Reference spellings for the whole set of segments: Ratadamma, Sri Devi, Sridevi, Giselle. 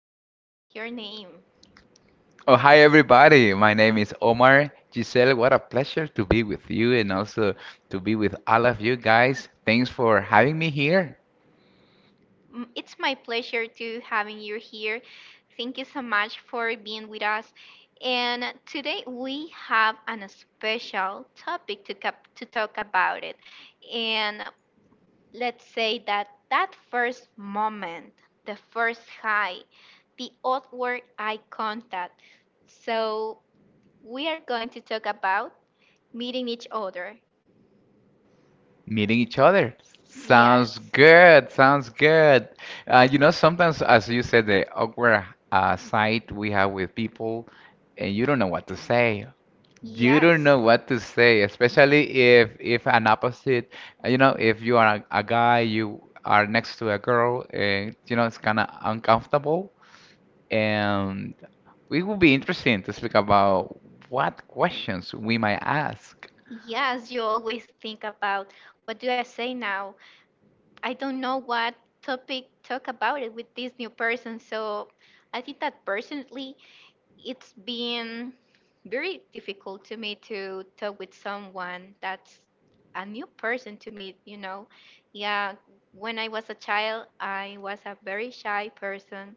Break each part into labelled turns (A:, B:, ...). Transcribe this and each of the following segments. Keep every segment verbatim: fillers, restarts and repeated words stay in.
A: tell me your name.
B: Oh, hi everybody. My name is Omar. Giselle, what a pleasure to be with you and also to be with all of you guys. Thanks for having me here,
A: M- It's my pleasure to having you here. Thank you so much for being with us. And today we have a special topic to, cap- to talk about it. And let's say that that first moment, the first high, the outward eye contact. So we are going to talk about meeting each other.
B: meeting each other. Sounds
A: Yes,
B: good. Sounds good. Uh, you know, sometimes, as you said, the awkward uh, side we have with people, and you don't know what to say. You don't
A: yes,
B: know what to say, especially if if an opposite, uh, you know, if you are a, a guy, you are next to a girl, and you know, it's kind of uncomfortable. And it will be interesting to speak about what questions we might ask.
A: yes. You always think about what do I say now? I don't know what topic talk about it with this new person. So I think that personally it's been very difficult to me to talk with someone that's a new person to me, you know. Yeah, when I was a child, I was a very shy person,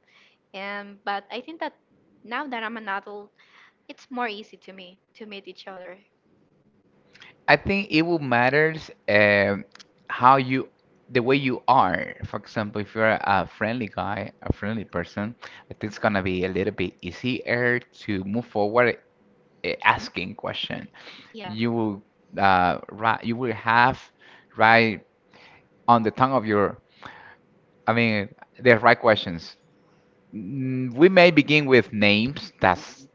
A: and but I think that now that I'm an adult, it's more easy to me to meet each other.
B: I think it will matters um how you, the way you are. For example, if you're a friendly guy, a friendly person, I think it's gonna be a little bit easier to move forward eh, asking question.
A: Yeah.
B: You will uh right, you will have right on the tongue of your, I mean, the right questions. Mm, We may begin with names. That's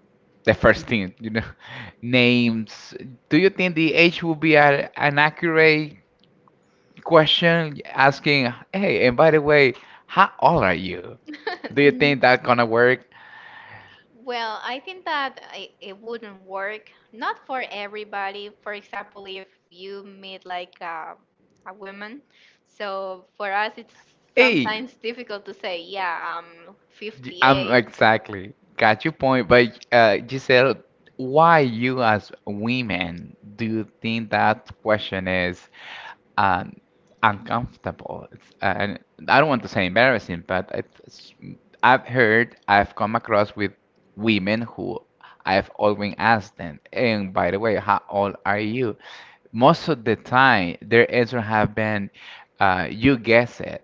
B: the first thing, you know. Names. Do you think the age would be a, an accurate question asking, hey, and by the way, how old are you? Do you
A: Mm,
B: think that's gonna work?
A: Well, I think that I- it wouldn't work. Not for everybody. For example, if you meet like a, a woman, so for us it's
B: Hey,
A: sometimes difficult to say, yeah, I'm
B: y- I'm
A: fifty-eight.
B: exactly got your point, but uh, Giselle, why you as women do you think that question is um, uncomfortable? It's, and I don't want to say embarrassing, but it's, I've heard, I've come across with women who I've always asked them, and by the way, how old are you? Most of the time, their answer have been, uh, you guess it.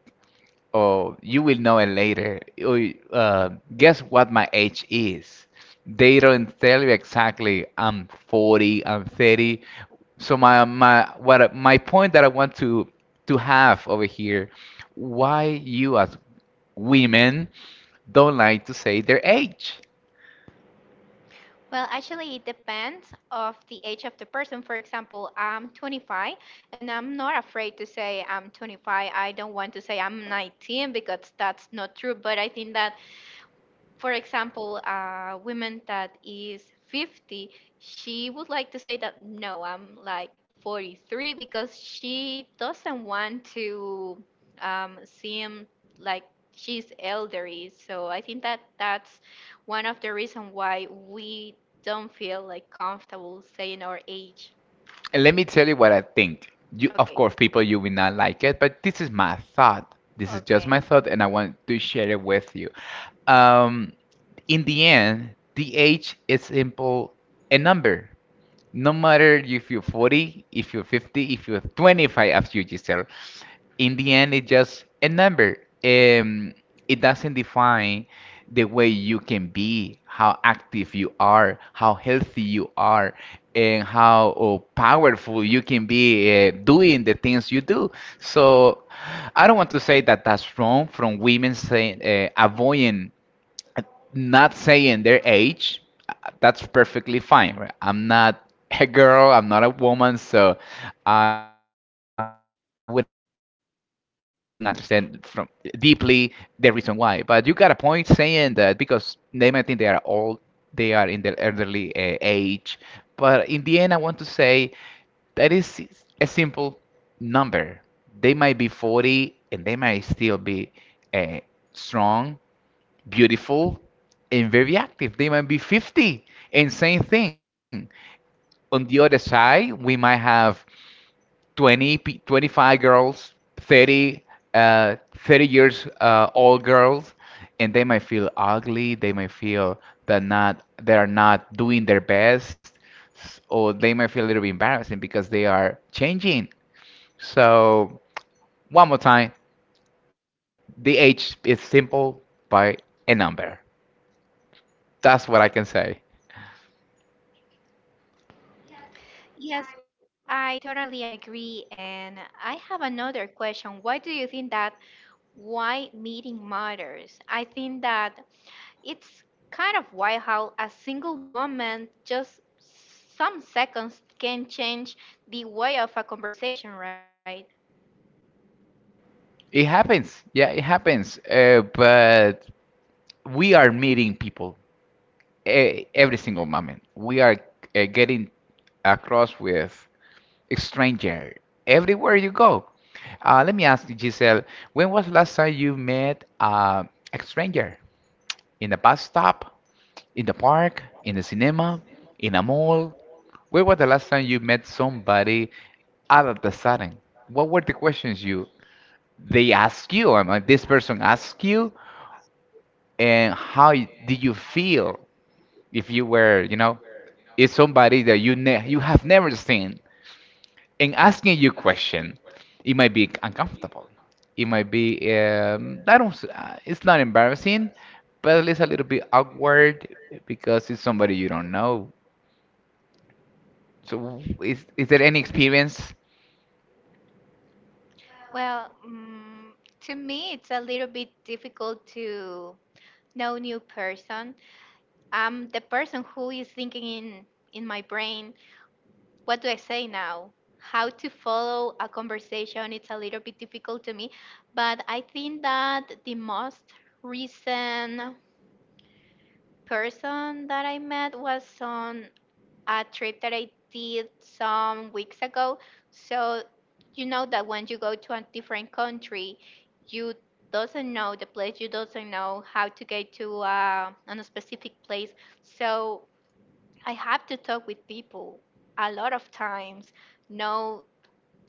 B: Oh, you will know it later. Oh, Uh, guess what my age is? They don't tell you exactly. I'm forty, I'm thirty. So my my what I- my point that I want to to have over here, why you as women don't like to say their age?
A: Well, actually, it depends of the age of the person. For example, I'm twenty-five, and I'm not afraid to say I'm twenty-five. I don't want to say I'm nineteen because that's not true. But I think that for example, a woman that is fifty, she would like to say that no, I'm like forty-three because she doesn't want to um, seem like she's elderly. So I think that that's one of the reasons why we don't feel like comfortable saying our age.
B: And let me tell you what I think. You, of
A: Okay.
B: course, people, you will not like it, but this is my thought. This is just my
A: Okay.
B: thought, and I want to share it with you. Um, in the end, the age is simple a number. No matter if you're forty, if you're fifty, if you're twenty-five, as you just said, in the end, it's just a number. Um, it doesn't define the way you can be, how active you are, how healthy you are, and how oh, powerful you can be uh, doing the things you do. So I don't want to say that that's wrong from women saying uh, avoiding not saying their age, uh, that's perfectly fine, right? I'm not a girl, I'm not a woman, so I wouldn't understand from deeply the reason why. But you got a point saying that because they might think they are old, they are in their elderly uh, age. But in the end, I want to say that is a simple number. They might be forty, and they might still be uh, strong beautiful, and very active. They might be fifty, and same thing. On the other side, we might have twenty, twenty-five girls, thirty, uh, thirty years uh, old girls, and they might feel ugly. They might feel that not they are not doing their best, s- or they might feel a little bit embarrassing because they are changing. So one more time, the age is simple by a number. That's what I can say.
A: Yes, I totally agree. And I have another question. Why do you think that why meeting matters. I think that it's kind of wild how a single moment, just some seconds, can change the way of a conversation, right?
B: It happens. Yeah, it happens. Uh, but we are meeting people e- every single moment. We are uh, getting across with stranger everywhere you go. Uh, let me ask you, Giselle, when was the last time you met uh, a stranger? In the bus stop, in the park, in the cinema, in a mall? When was the last time you met somebody out of the sudden? What were the questions you they ask you? I mean, this person asked you, and how y- did you feel if you were, you know, it's somebody that you ne you have never seen and asking you question, it might be uncomfortable. It might be um, I don't s- uh, it's not embarrassing, but at least a little bit awkward because it's somebody you don't know. So is is there any experience?
A: Well, mm, to me, it's a little bit difficult to know new person. I'm the person who is thinking in in my brain what do I say now? How to follow a conversation? It's a little bit difficult to me, but I think that the most recent person that I met was on a trip that I did some weeks ago. So you know that when you go to a different country, you doesn't know the place, you doesn't know how to get to uh, a specific place. So I have to talk with people a lot of times know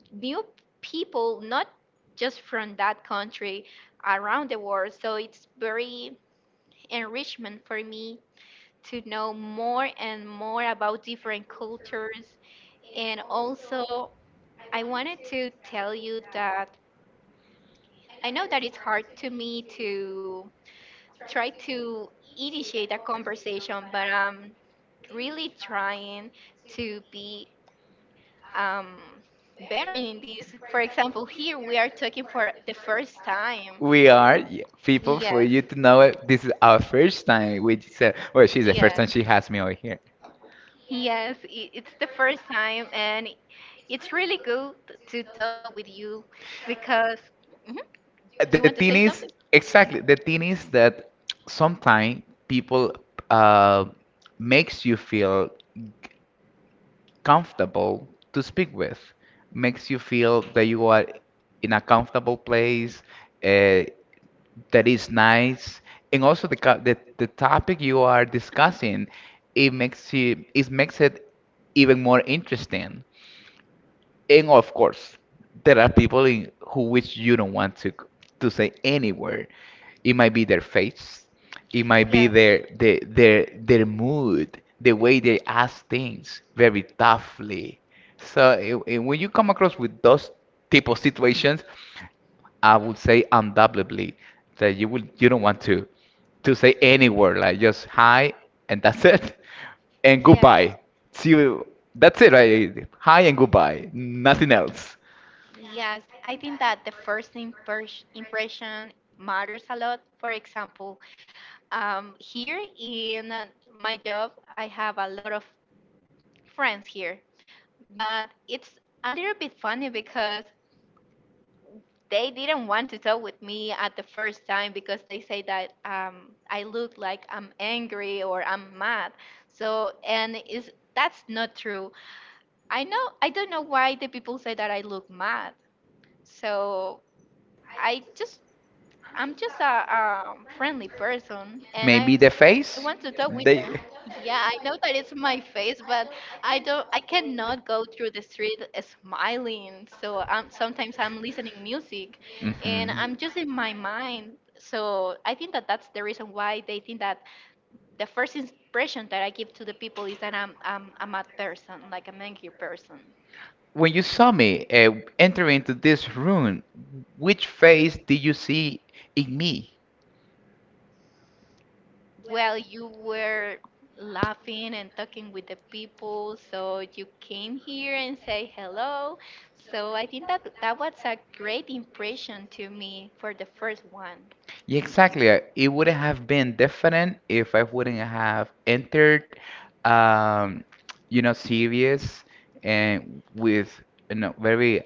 A: new people, not just from that country, around the world. So it's very enrichment for me to know more and more about different cultures. And also, I wanted to tell you that I know that it's hard to me to try to initiate a conversation, but I'm really trying to be um, better in this. For example, here we are talking for the first time.
B: We are y- people for
A: Yes,
B: you to know it. This is our first time. We just said, well, she's the first
A: yes,
B: time she has me over here.
A: yes. i- It's the first time, and it's really good to talk with you because. Mhm. Do you want to
B: Thing
A: say
B: is
A: something?
B: exactly the thing is that sometimes people uh, makes you feel comfortable to speak with, makes you feel that you are in a comfortable place uh, that is nice, and also the, co- the the topic you are discussing, it makes you it makes it even more interesting. And of course, there are people in who which you don't want to c- to say anywhere. It might be their face, it might be
A: Yeah.
B: their their their their mood, the way they ask things very toughly. So eh, eh, when you come across with those type of situations, I would say undoubtedly that you would you don't want to to say any word like just hi and that's it and
A: Yes.
B: goodbye. See you. That's it. Right? Hi and goodbye. Nothing else.
A: Yes, I think that the first impers- impression matters a lot. For example, um, here in uh, my job, I have a lot of friends here, but it's a little bit funny because they didn't want to talk with me at the first time because they say that um, I look like I'm angry or I'm mad. So, and is that's not true. I know I don't know why the people say that I look mad. So I just I'm just a, a friendly person and I
B: Maybe
A: want
B: the
A: to talk with
B: face.
A: them.
B: They
A: Yeah, I know that it's my face, but I don't I cannot go through the street smiling. So I'm sometimes I'm listening music and I'm just in my mind. So I think that that's the reason why they think that the first impression that I give to the people is that I'm I'm, a mad person, like a angry person.
B: When you saw me uh, enter into this room, which face did you see in me?
A: Well, you were laughing and talking with the people, so you came here and say hello. So I think that that was a great impression to me for the first one.
B: Yeah, exactly. I- It would have been different if I wouldn't have entered, um, you know, serious and with, you know, very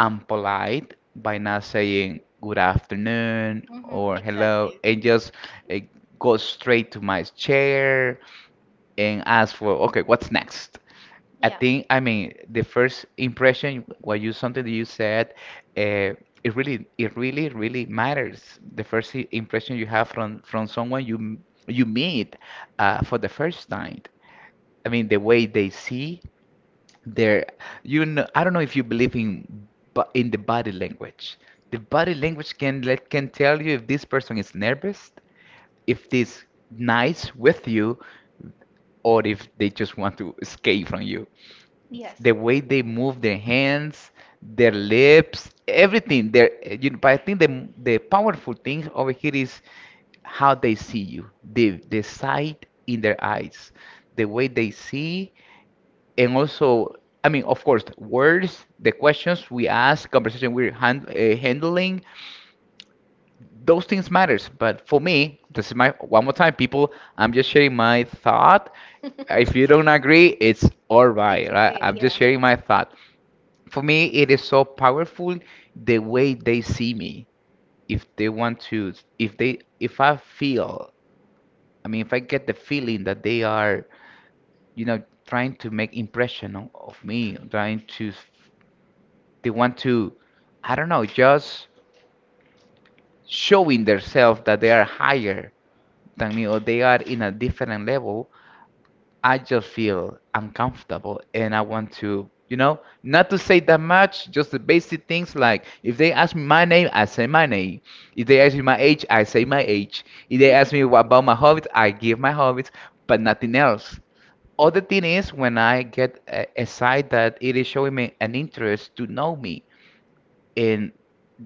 B: unpolite by not saying good afternoon
A: Hmm.
B: or hello
A: Exactly.
B: and just uh, go straight to my chair and ask for, okay, what's next? I
A: Yeah.
B: think, I mean, the first impression, what you something that you said, uh, it really, it really, really matters. The first i- impression you have from from someone you m- you meet uh, for the first time. I mean, the way they see, their, you know, I don't know if you believe in bu- in the body language. The body language can let can tell you if this person is nervous, if this nice with you, or if they just want to escape from you
A: Yes.
B: the way they move their hands, their lips, everything. Their, you, know. But I think the the powerful thing over here is how they see you, the the sight in their eyes, the way they see, and also, I mean, of course, words, the questions we ask, conversation we're hand, uh, handling, those things matters. But for me, this is my one more time, people. I'm just sharing my thought. If you don't agree, it's all right,
A: It's
B: right?
A: okay.
B: I'm just
A: Yeah.
B: sharing my thought. For me, it is so powerful the way they see me. If they want to if they if I feel, I mean, if I get the feeling that they are, you know trying to make impression o- of me, trying to, they want to, I don't know, just showing themselves that they are higher than me, or they are in a different level. I just feel uncomfortable and I want to, you know, not to say that much, just the basic things like if they ask me my name, I say my name. If they ask me my age, I say my age. If they ask me wha- about my hobbies, I give my hobbies, but nothing else. Other thing is when I get a, a site that it is showing me an interest to know me. And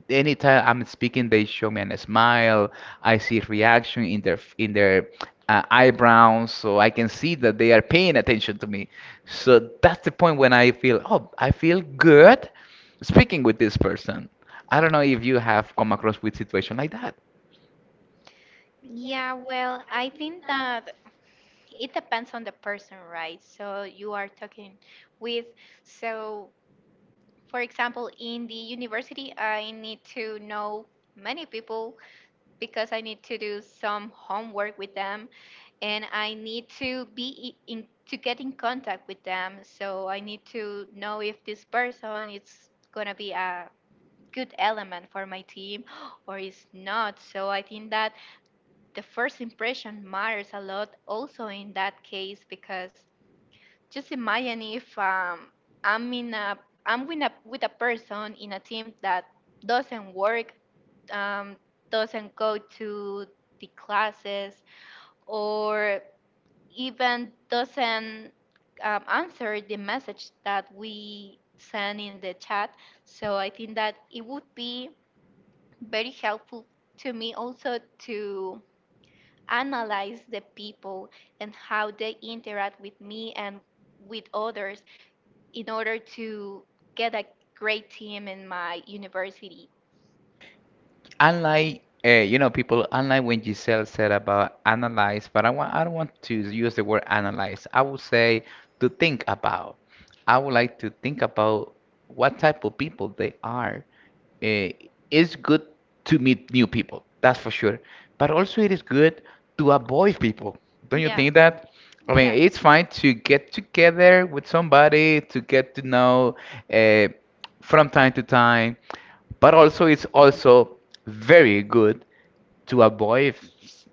B: anytime I'm speaking, they show me a smile. I see reaction in their in their uh, eyebrows, so I can see that they are paying attention to me. So that's the point when I feel, oh, I feel good speaking with this person. I don't know if you have come across with situation like that.
A: Yeah, well, I think that it depends on the person, right? So you are talking with. So, for example, in the university, I need to know many people because I need to do some homework with them and I need to be i- in to get in contact with them. So I need to know if this person is gonna be a good element for my team or is not. So I think that the first impression matters a lot also in that case because just imagine if um, I'm in a I'm with a with a person in a team that doesn't work, um, doesn't go to the classes, or even doesn't um, answer the message that we send in the chat. So I think that it would be very helpful to me also to analyze the people and how they interact with me and with others in order to get a great team in my university.
B: Unlike uh, you know people, unlike when Giselle said about analyze, but I want I don't want to use the word analyze. I would say to think about I would like to think about what type of people they are. uh, it's good to meet new people, that's for sure, but also it is good to avoid people, don't you
A: Yeah,
B: think that? I mean,
A: yes.
B: it's fine to get together with somebody to get to know uh, from time to time, but also it's also very good to avoid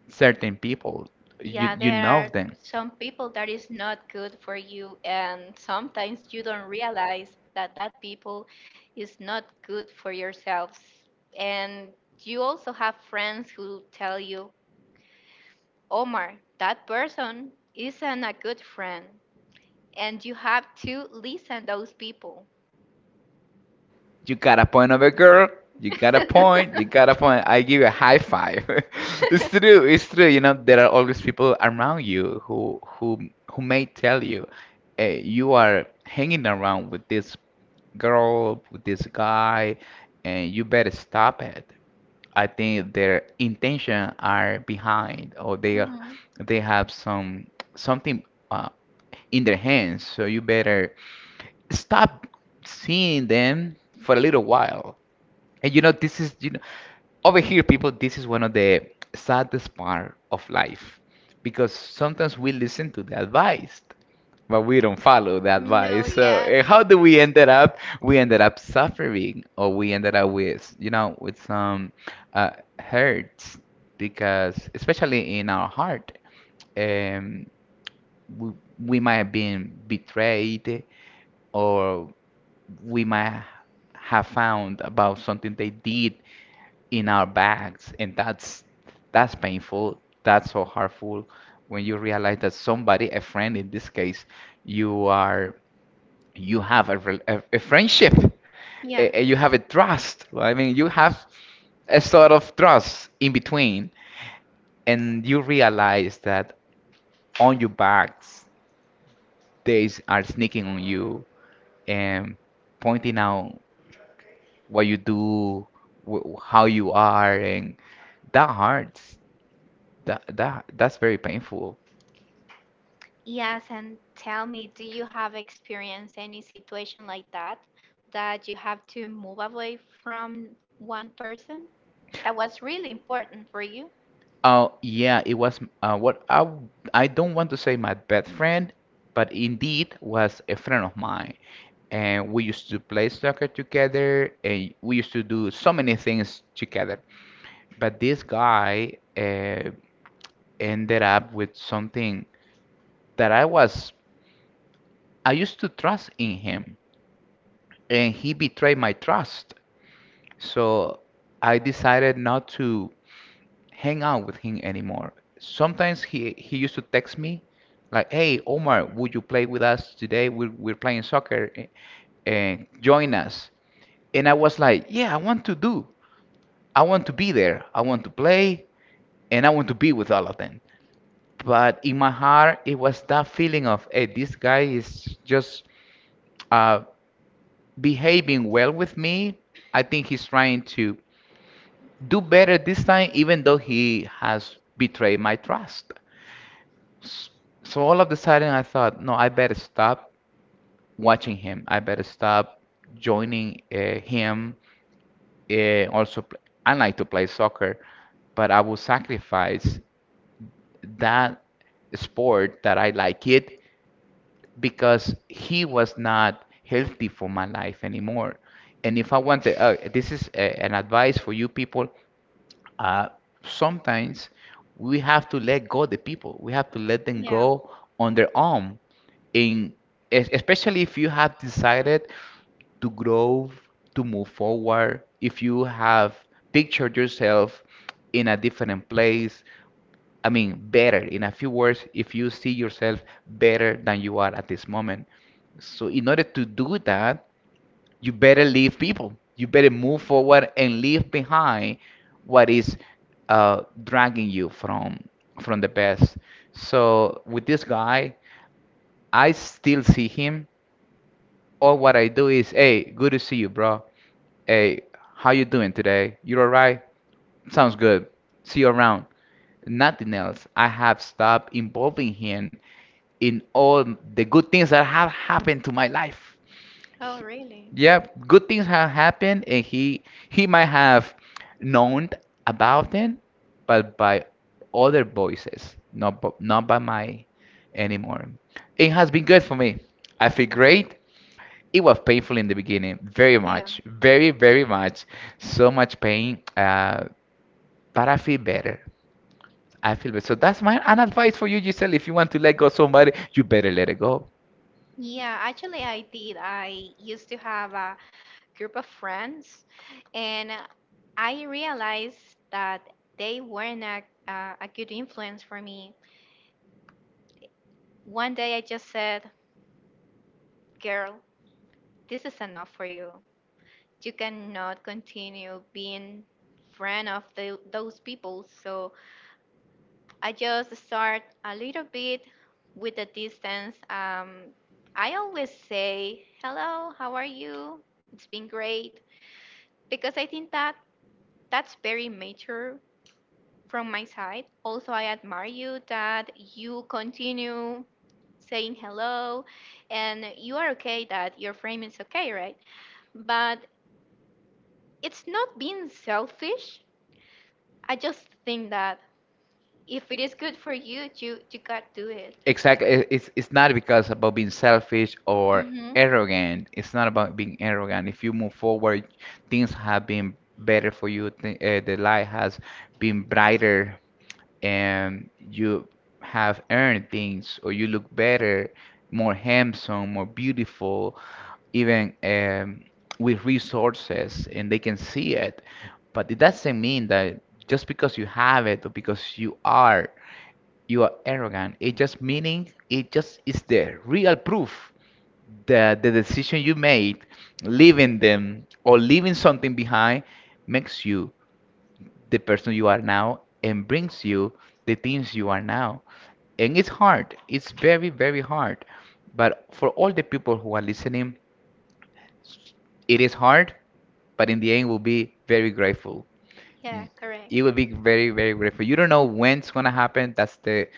B: certain people.
A: Yeah,
B: You
A: there are some people that is not good for you, and sometimes you don't realize that that people is not good for yourselves. And you also have friends who tell you, Omar, that person isn't a good friend. And you have to listen those people.
B: you got a point of a girl, you got a point, you got a point. I give you a high five. It's true, it's true. You know there are always people around you who who who may tell you, hey, you are hanging around with this girl, with this guy, and you better stop it. I think their intention are behind, or they are-
A: Mhm.
B: they have some something uh, in their hands. So you better stop seeing them for a little while. And you know, this is you know over here, people. This is one of the saddest part of life because sometimes we listen to the advice but we don't follow the
A: No,
B: advice. So
A: yeah.
B: uh, how do we ended up? We ended up suffering, or we ended up with, you know, with some uh, hurts because, especially in our heart, um, we, we might have been betrayed, or we might have found about something they did in our backs, and that's that's painful. That's so hurtful when you realize that somebody, a friend in this case, you are you have a, rel- a, a friendship
A: Yeah.
B: eh, you have a trust, right? i mean you have a sort of trust in between, and you realize that on your backs they s- are sneaking on you and pointing out what you do, wh- how you are, and that hurts, that that that's very painful.
A: Yes, and tell me, do you have experienced any situation like that that you have to move away from one person that was really important for you?
B: Oh, yeah, it was uh, what I w- I don't want to say my best friend, but indeed was a friend of mine. And we used to play soccer together, and we used to do so many things together. But this guy uh, ended up with something that I was I used to trust in him, and he betrayed my trust. So I decided not to hang out with him anymore. Sometimes he he used to text me like, "Hey, Omar, would you play with us today? We're we're playing soccer and join us." And I was like, "Yeah, I want to do. I want to be there. I want to play, and I want to be with all of them." But in my heart, it was that feeling of, "Hey, this guy is just uh, behaving well with me. I think he's trying to do better this time, even though he has betrayed my trust." S- So all of a sudden, I thought, no, I better stop watching him. I better stop joining uh, him. Uh, also, pl- I like to play soccer, but I will sacrifice that sport that I like it because he was not healthy for my life anymore. And if I want to, uh, this is a, an advice for you people, uh, sometimes we have to let go the people. We have to let them
A: Yeah.
B: go on their own. In es- Especially if you have decided to grow, to move forward, if you have pictured yourself in a different place. I mean, better. In a few words, if you see yourself better than you are at this moment. So in order to do that, you better leave people. You better move forward and leave behind what is uh, dragging you from from the best. So with this guy, I still see him. All what I do is, hey, good to see you, bro. Hey, how you doing today? You alright? Sounds good. See you around. Nothing else. I have stopped involving him in all the good things that have happened to my life.
A: Oh, really?
B: Yeah, good things have happened, and he he might have known about them, but by other voices, not bu- not by my anymore. It has been good for me. I feel great. It was painful in the beginning, very
A: Yeah.
B: much, very very much, so much pain. Uh, but I feel better. I feel better. So that's my an advice for you, Giselle. If you want to let go somebody, you better let it go.
A: Yeah, actually, I did. I used to have a group of friends, and I realized that they weren't a, a, a good influence for me. One day I just said, Girl, this is enough for you. You cannot continue being friend of the, those people. So I just start a little bit with the distance. Um, I always say, "Hello, how are you? It's been great," because I think that that's very mature from my side. Also, I admire you that you continue saying hello, and you are okay that your frame is okay, right? But it's not being selfish. I just think that if it is good for you, you you got to do it.
B: Exactly. It- It's it's not because about being selfish or
A: Hmm.
B: arrogant. It's not about being arrogant. If you move forward, things have been better for you. Th uh, The light has been brighter, and you have earned things, or you look better, more handsome, more beautiful, even um, with resources, and they can see it. But it doesn't mean that just because you have it or because you are you are arrogant. It just meaning it just is the real proof that the decision you made, leaving them or leaving something behind, makes you the person you are now and brings you the things you are now. And it's hard. It's very, very hard. But for all the people who are listening, it is hard, but in the end we'll be very grateful.
A: Yeah,
B: Mm.
A: correct.
B: It will be very, very grateful. You don't know when it's gonna happen. That's the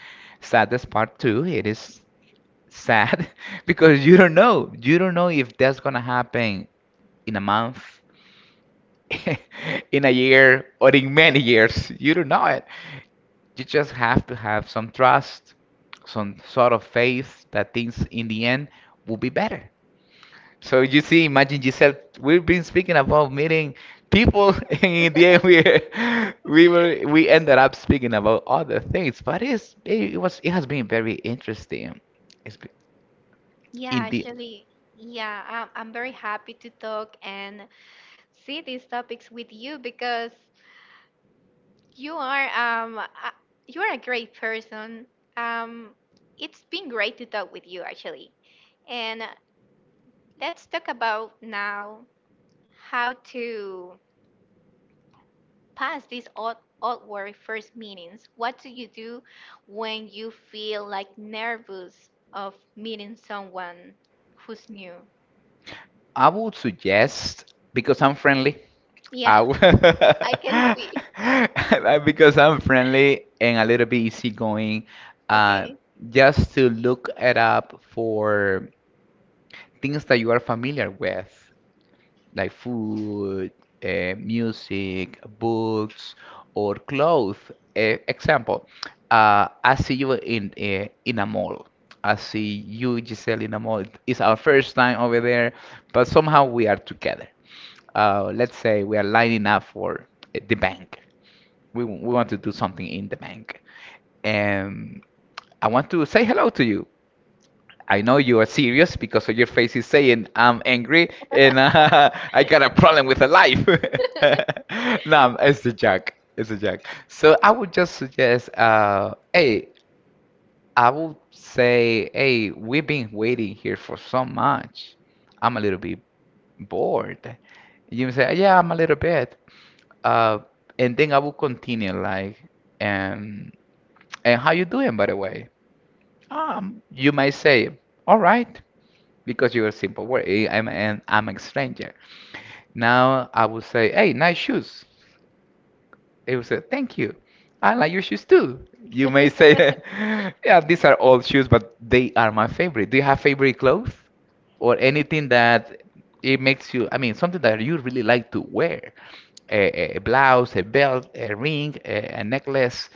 B: saddest part too. It is sad because you don't know. You don't know if that's gonna happen in a month, in a year, or in many years. You don't know it. You just have to have some trust, some sort of faith that things in the end will be better. So you see, imagine, Giselle, we've been speaking about meeting people, and in the end we we were we ended up speaking about other things. But it's it was it has been very interesting. It's been,
A: Yeah, actually, yeah, I'm, I'm very happy to talk and see these topics with you because you are um a- you are a great person. Um, it's been great to talk with you actually, and uh, let's talk about now how to pass these odd awkward first meetings. What do you do when you feel like nervous of meeting someone who's new?
B: I would suggest, because I'm friendly.
A: Yeah,
B: I w-
A: I can see.
B: because I'm friendly and a little bit easygoing, uh,
A: Okay.
B: just to look it up for things that you are familiar with, like food, uh, music, books, or clothes. Uh, example, uh, I see you in uh, in a mall. I see you, Giselle, in a mall. It's our first time over there, but somehow we are together. Uh, let's say we are lining up for uh, the bank. We, we want to do something in the bank. And I want to say hello to you. I know you are serious because of your face is saying I'm angry and uh, I got a problem with a life. No, it's a joke. It's a joke. So I would just suggest, uh, hey, I would say, hey, we've been waiting here for so much. I'm a little bit bored. You say, yeah, I'm a little bit. Uh, and then I will continue like, and and how you doing, by the way? Um, you might say, all right, because you're simple word. eh, I'm an I'm a stranger. Now I would say, hey, nice shoes. They will say, thank you. I like your shoes too. You may say, yeah, these are old shoes, but they are my favorite. Do you have favorite clothes? Or anything that it makes you, I mean, something that you really like to wear? A, a blouse, a belt, a ring, a, a necklace,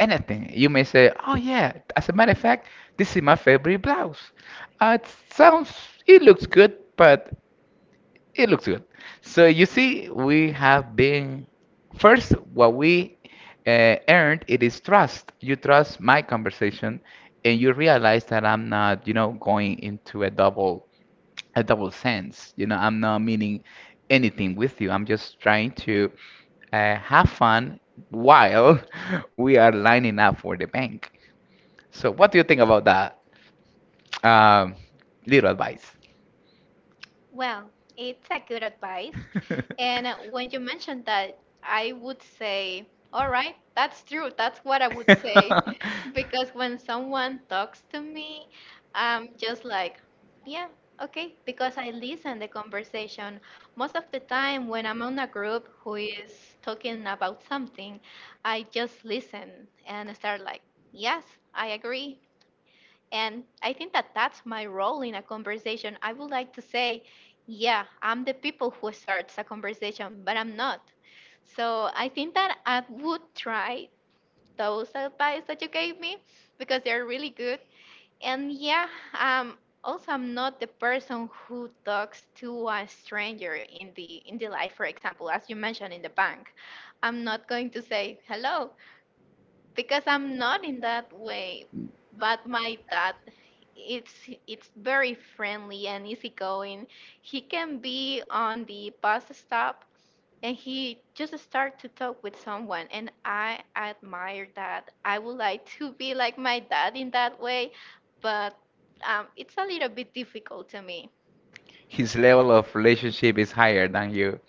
B: anything. You may say, oh, yeah, as a matter of fact, this is my favorite blouse. Uh, it sounds, it looks good, but it looks good. So you see, we have been first what we uh, earned. It is trust. You trust my conversation, and you realize that I'm not, you know, going into a double a double sense. You know, I'm not meaning anything with you. I'm just trying to uh, have fun while we are lining up for the bank. So, what do you think about that um, little advice?
A: Well, it's a good advice. And uh, when you mentioned that, I would say, all right, that's true. That's what I would say. Because when someone talks to me, I'm just like, yeah, okay. Because I listen the conversation. Most of the time when I'm on a group who is talking about something, I just listen and start like, yes, I agree. And I think that that's my role in a conversation. I would like to say, yeah, I'm the people who starts a conversation, but I'm not. So I think that I would try those advice that you gave me because they're really good. And yeah, um, also I'm not the person who talks to a stranger in the in the life, for example, as you mentioned in the bank. I'm not going to say hello because I'm not in that way. But my dad, it's it's very friendly and easygoing. He can be on the bus stop and he just start to talk with someone, and I admire that. I would like to be like my dad in that way, but um, it's a little bit difficult to me.
B: His level of relationship is higher than you.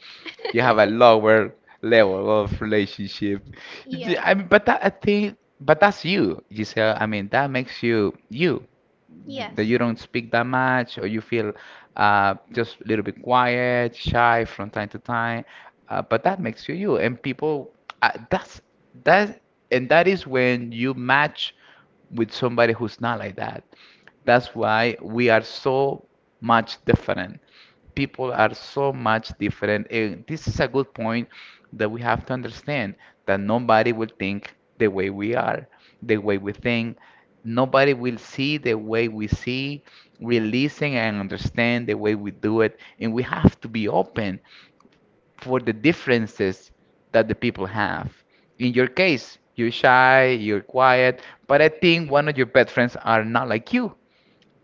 B: You have a lower level of relationship. D-
A: Yes,
B: I mean, but that, I think, but that's you, Giselle. I mean, that makes you you. That
A: yes.
B: you don't speak that much, or you feel uh, just a little bit quiet, shy from time to time. Uh, but that makes you you, and people. Uh, that's that, and that is when you match with somebody who's not like that. That's why we are so much different. People are so much different. And this is a good point that we have to understand that nobody will think the way we are, the way we think. Nobody will see the way we see, releasing and understand the way we do it. And we have to be open for the differences that the people have. In your case, you're shy, you're quiet, but I think one of your best friends are not like you,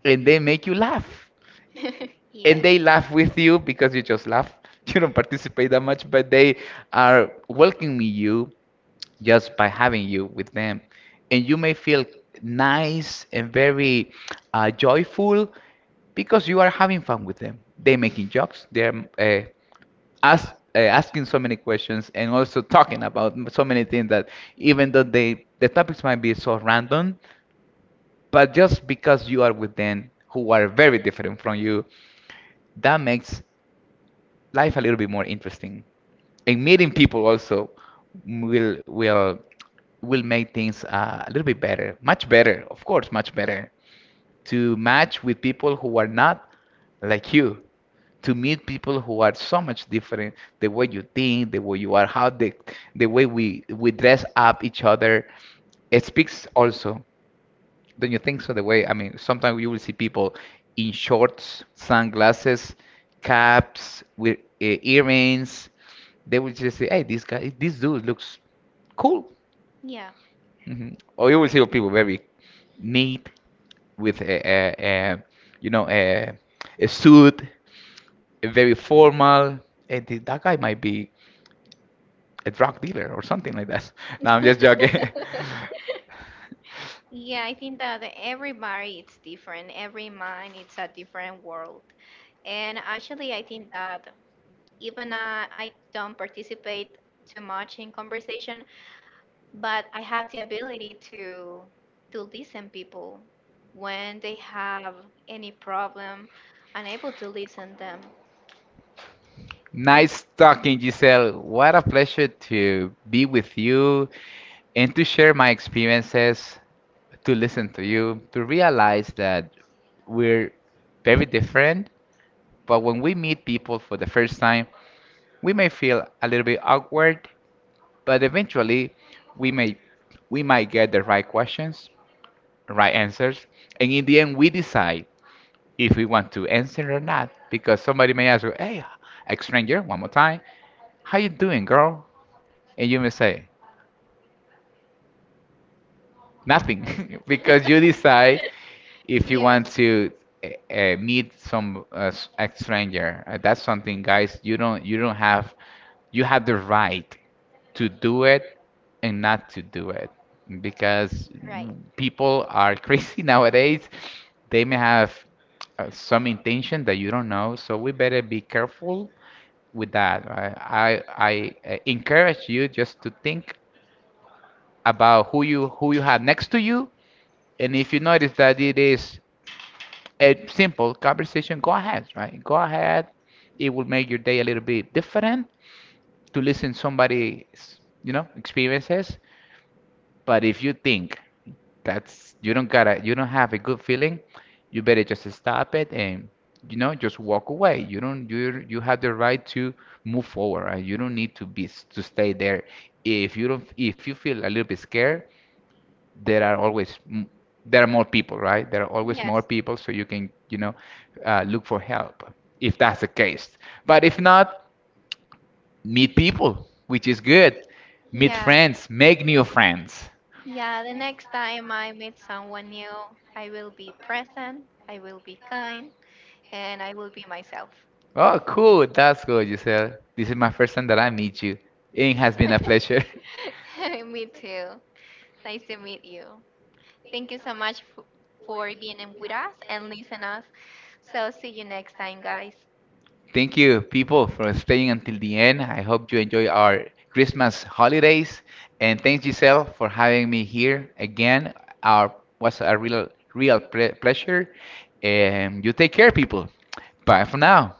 B: and they make you laugh,
A: Yes.
B: and they laugh with you because you just laugh. You don't participate that much, but they are welcoming you just by having you with them, and you may feel nice and very uh, joyful because you are having fun with them. They making jokes, they're uh, ask, uh, asking so many questions and also talking about m- so many things that, even though they the topics might be so random, but just because you are with them who are very different from you, that makes life a little bit more interesting. And meeting people also will will will make things uh, a little bit better, much better, of course, much better. To match with people who are not like you, to meet people who are so much different, the way you think, the way you are, how the the way we we dress up each other, it speaks also, don't you think so? The way, I mean, sometimes you will see people in shorts, sunglasses, caps, with uh, earrings. They will just say, "Hey, this guy, this dude looks cool."
A: Yeah.
B: Hmm. Or you will see people very neat with a, a, a you know, a, a suit, a very formal. Hey, th- that guy might be a drug dealer or something like that. No, I'm just joking.
A: Yeah, I think that everybody it's different. Every mind it's a different world. And actually, I think that even uh, I don't participate too much in conversation, but I have the ability to to listen people when they have any problem. I'm able to listen them. And
B: Nice talking, Giselle. What a pleasure to be with you, and to share my experiences, to listen to you, to realize that we're very different. But when we meet people for the first time, we may feel a little bit awkward, but eventually we may we might get the right questions, right answers, and in the end we decide if we want to answer or not. Because somebody may ask you, "Hey, ex stranger, one more time, how you doing, girl?" And you may say nothing because you decide if you
A: yes,
B: want to uh, uh, meet some uh, s- a stranger, uh, that's something, guys. You don't you don't have you have the right to do it and not to do it because
A: right.
B: people are crazy nowadays. They may have uh, some intention that you don't know, so we better be careful with that. I I, I uh, encourage you just to think about who you who you have next to you, and if you notice that it is a simple conversation, go ahead, right? Go ahead. It will make your day a little bit different to listen somebody's, you know, experiences. But if you think that's you don't gotta, you don't have a good feeling, you better just stop it and, you know, just walk away. You don't you you have the right to move forward, right? You don't need to be to stay there. If you don't, if you feel a little bit scared, there are always m- there are more people, right? There are always
A: Yes.
B: more people, so you can, you know, uh, look for help if that's the case. But if not, meet people, which is good. Meet
A: Yeah.
B: friends, make new friends.
A: Yeah. The next time I meet someone new, I will be present, I will be kind, and I will be myself.
B: Oh, cool. That's good, Giselle. This is my first time that I meet you. It has been a pleasure.
A: Me too. Nice to meet you. Thank you so much f- for being in with us and listen us. So see you next time, guys.
B: Thank you, people, for staying until the end. I hope you enjoy our Christmas holidays. And thanks, Giselle, for having me here again. Our was a real, real ple pleasure. And you take care, people. Bye for now.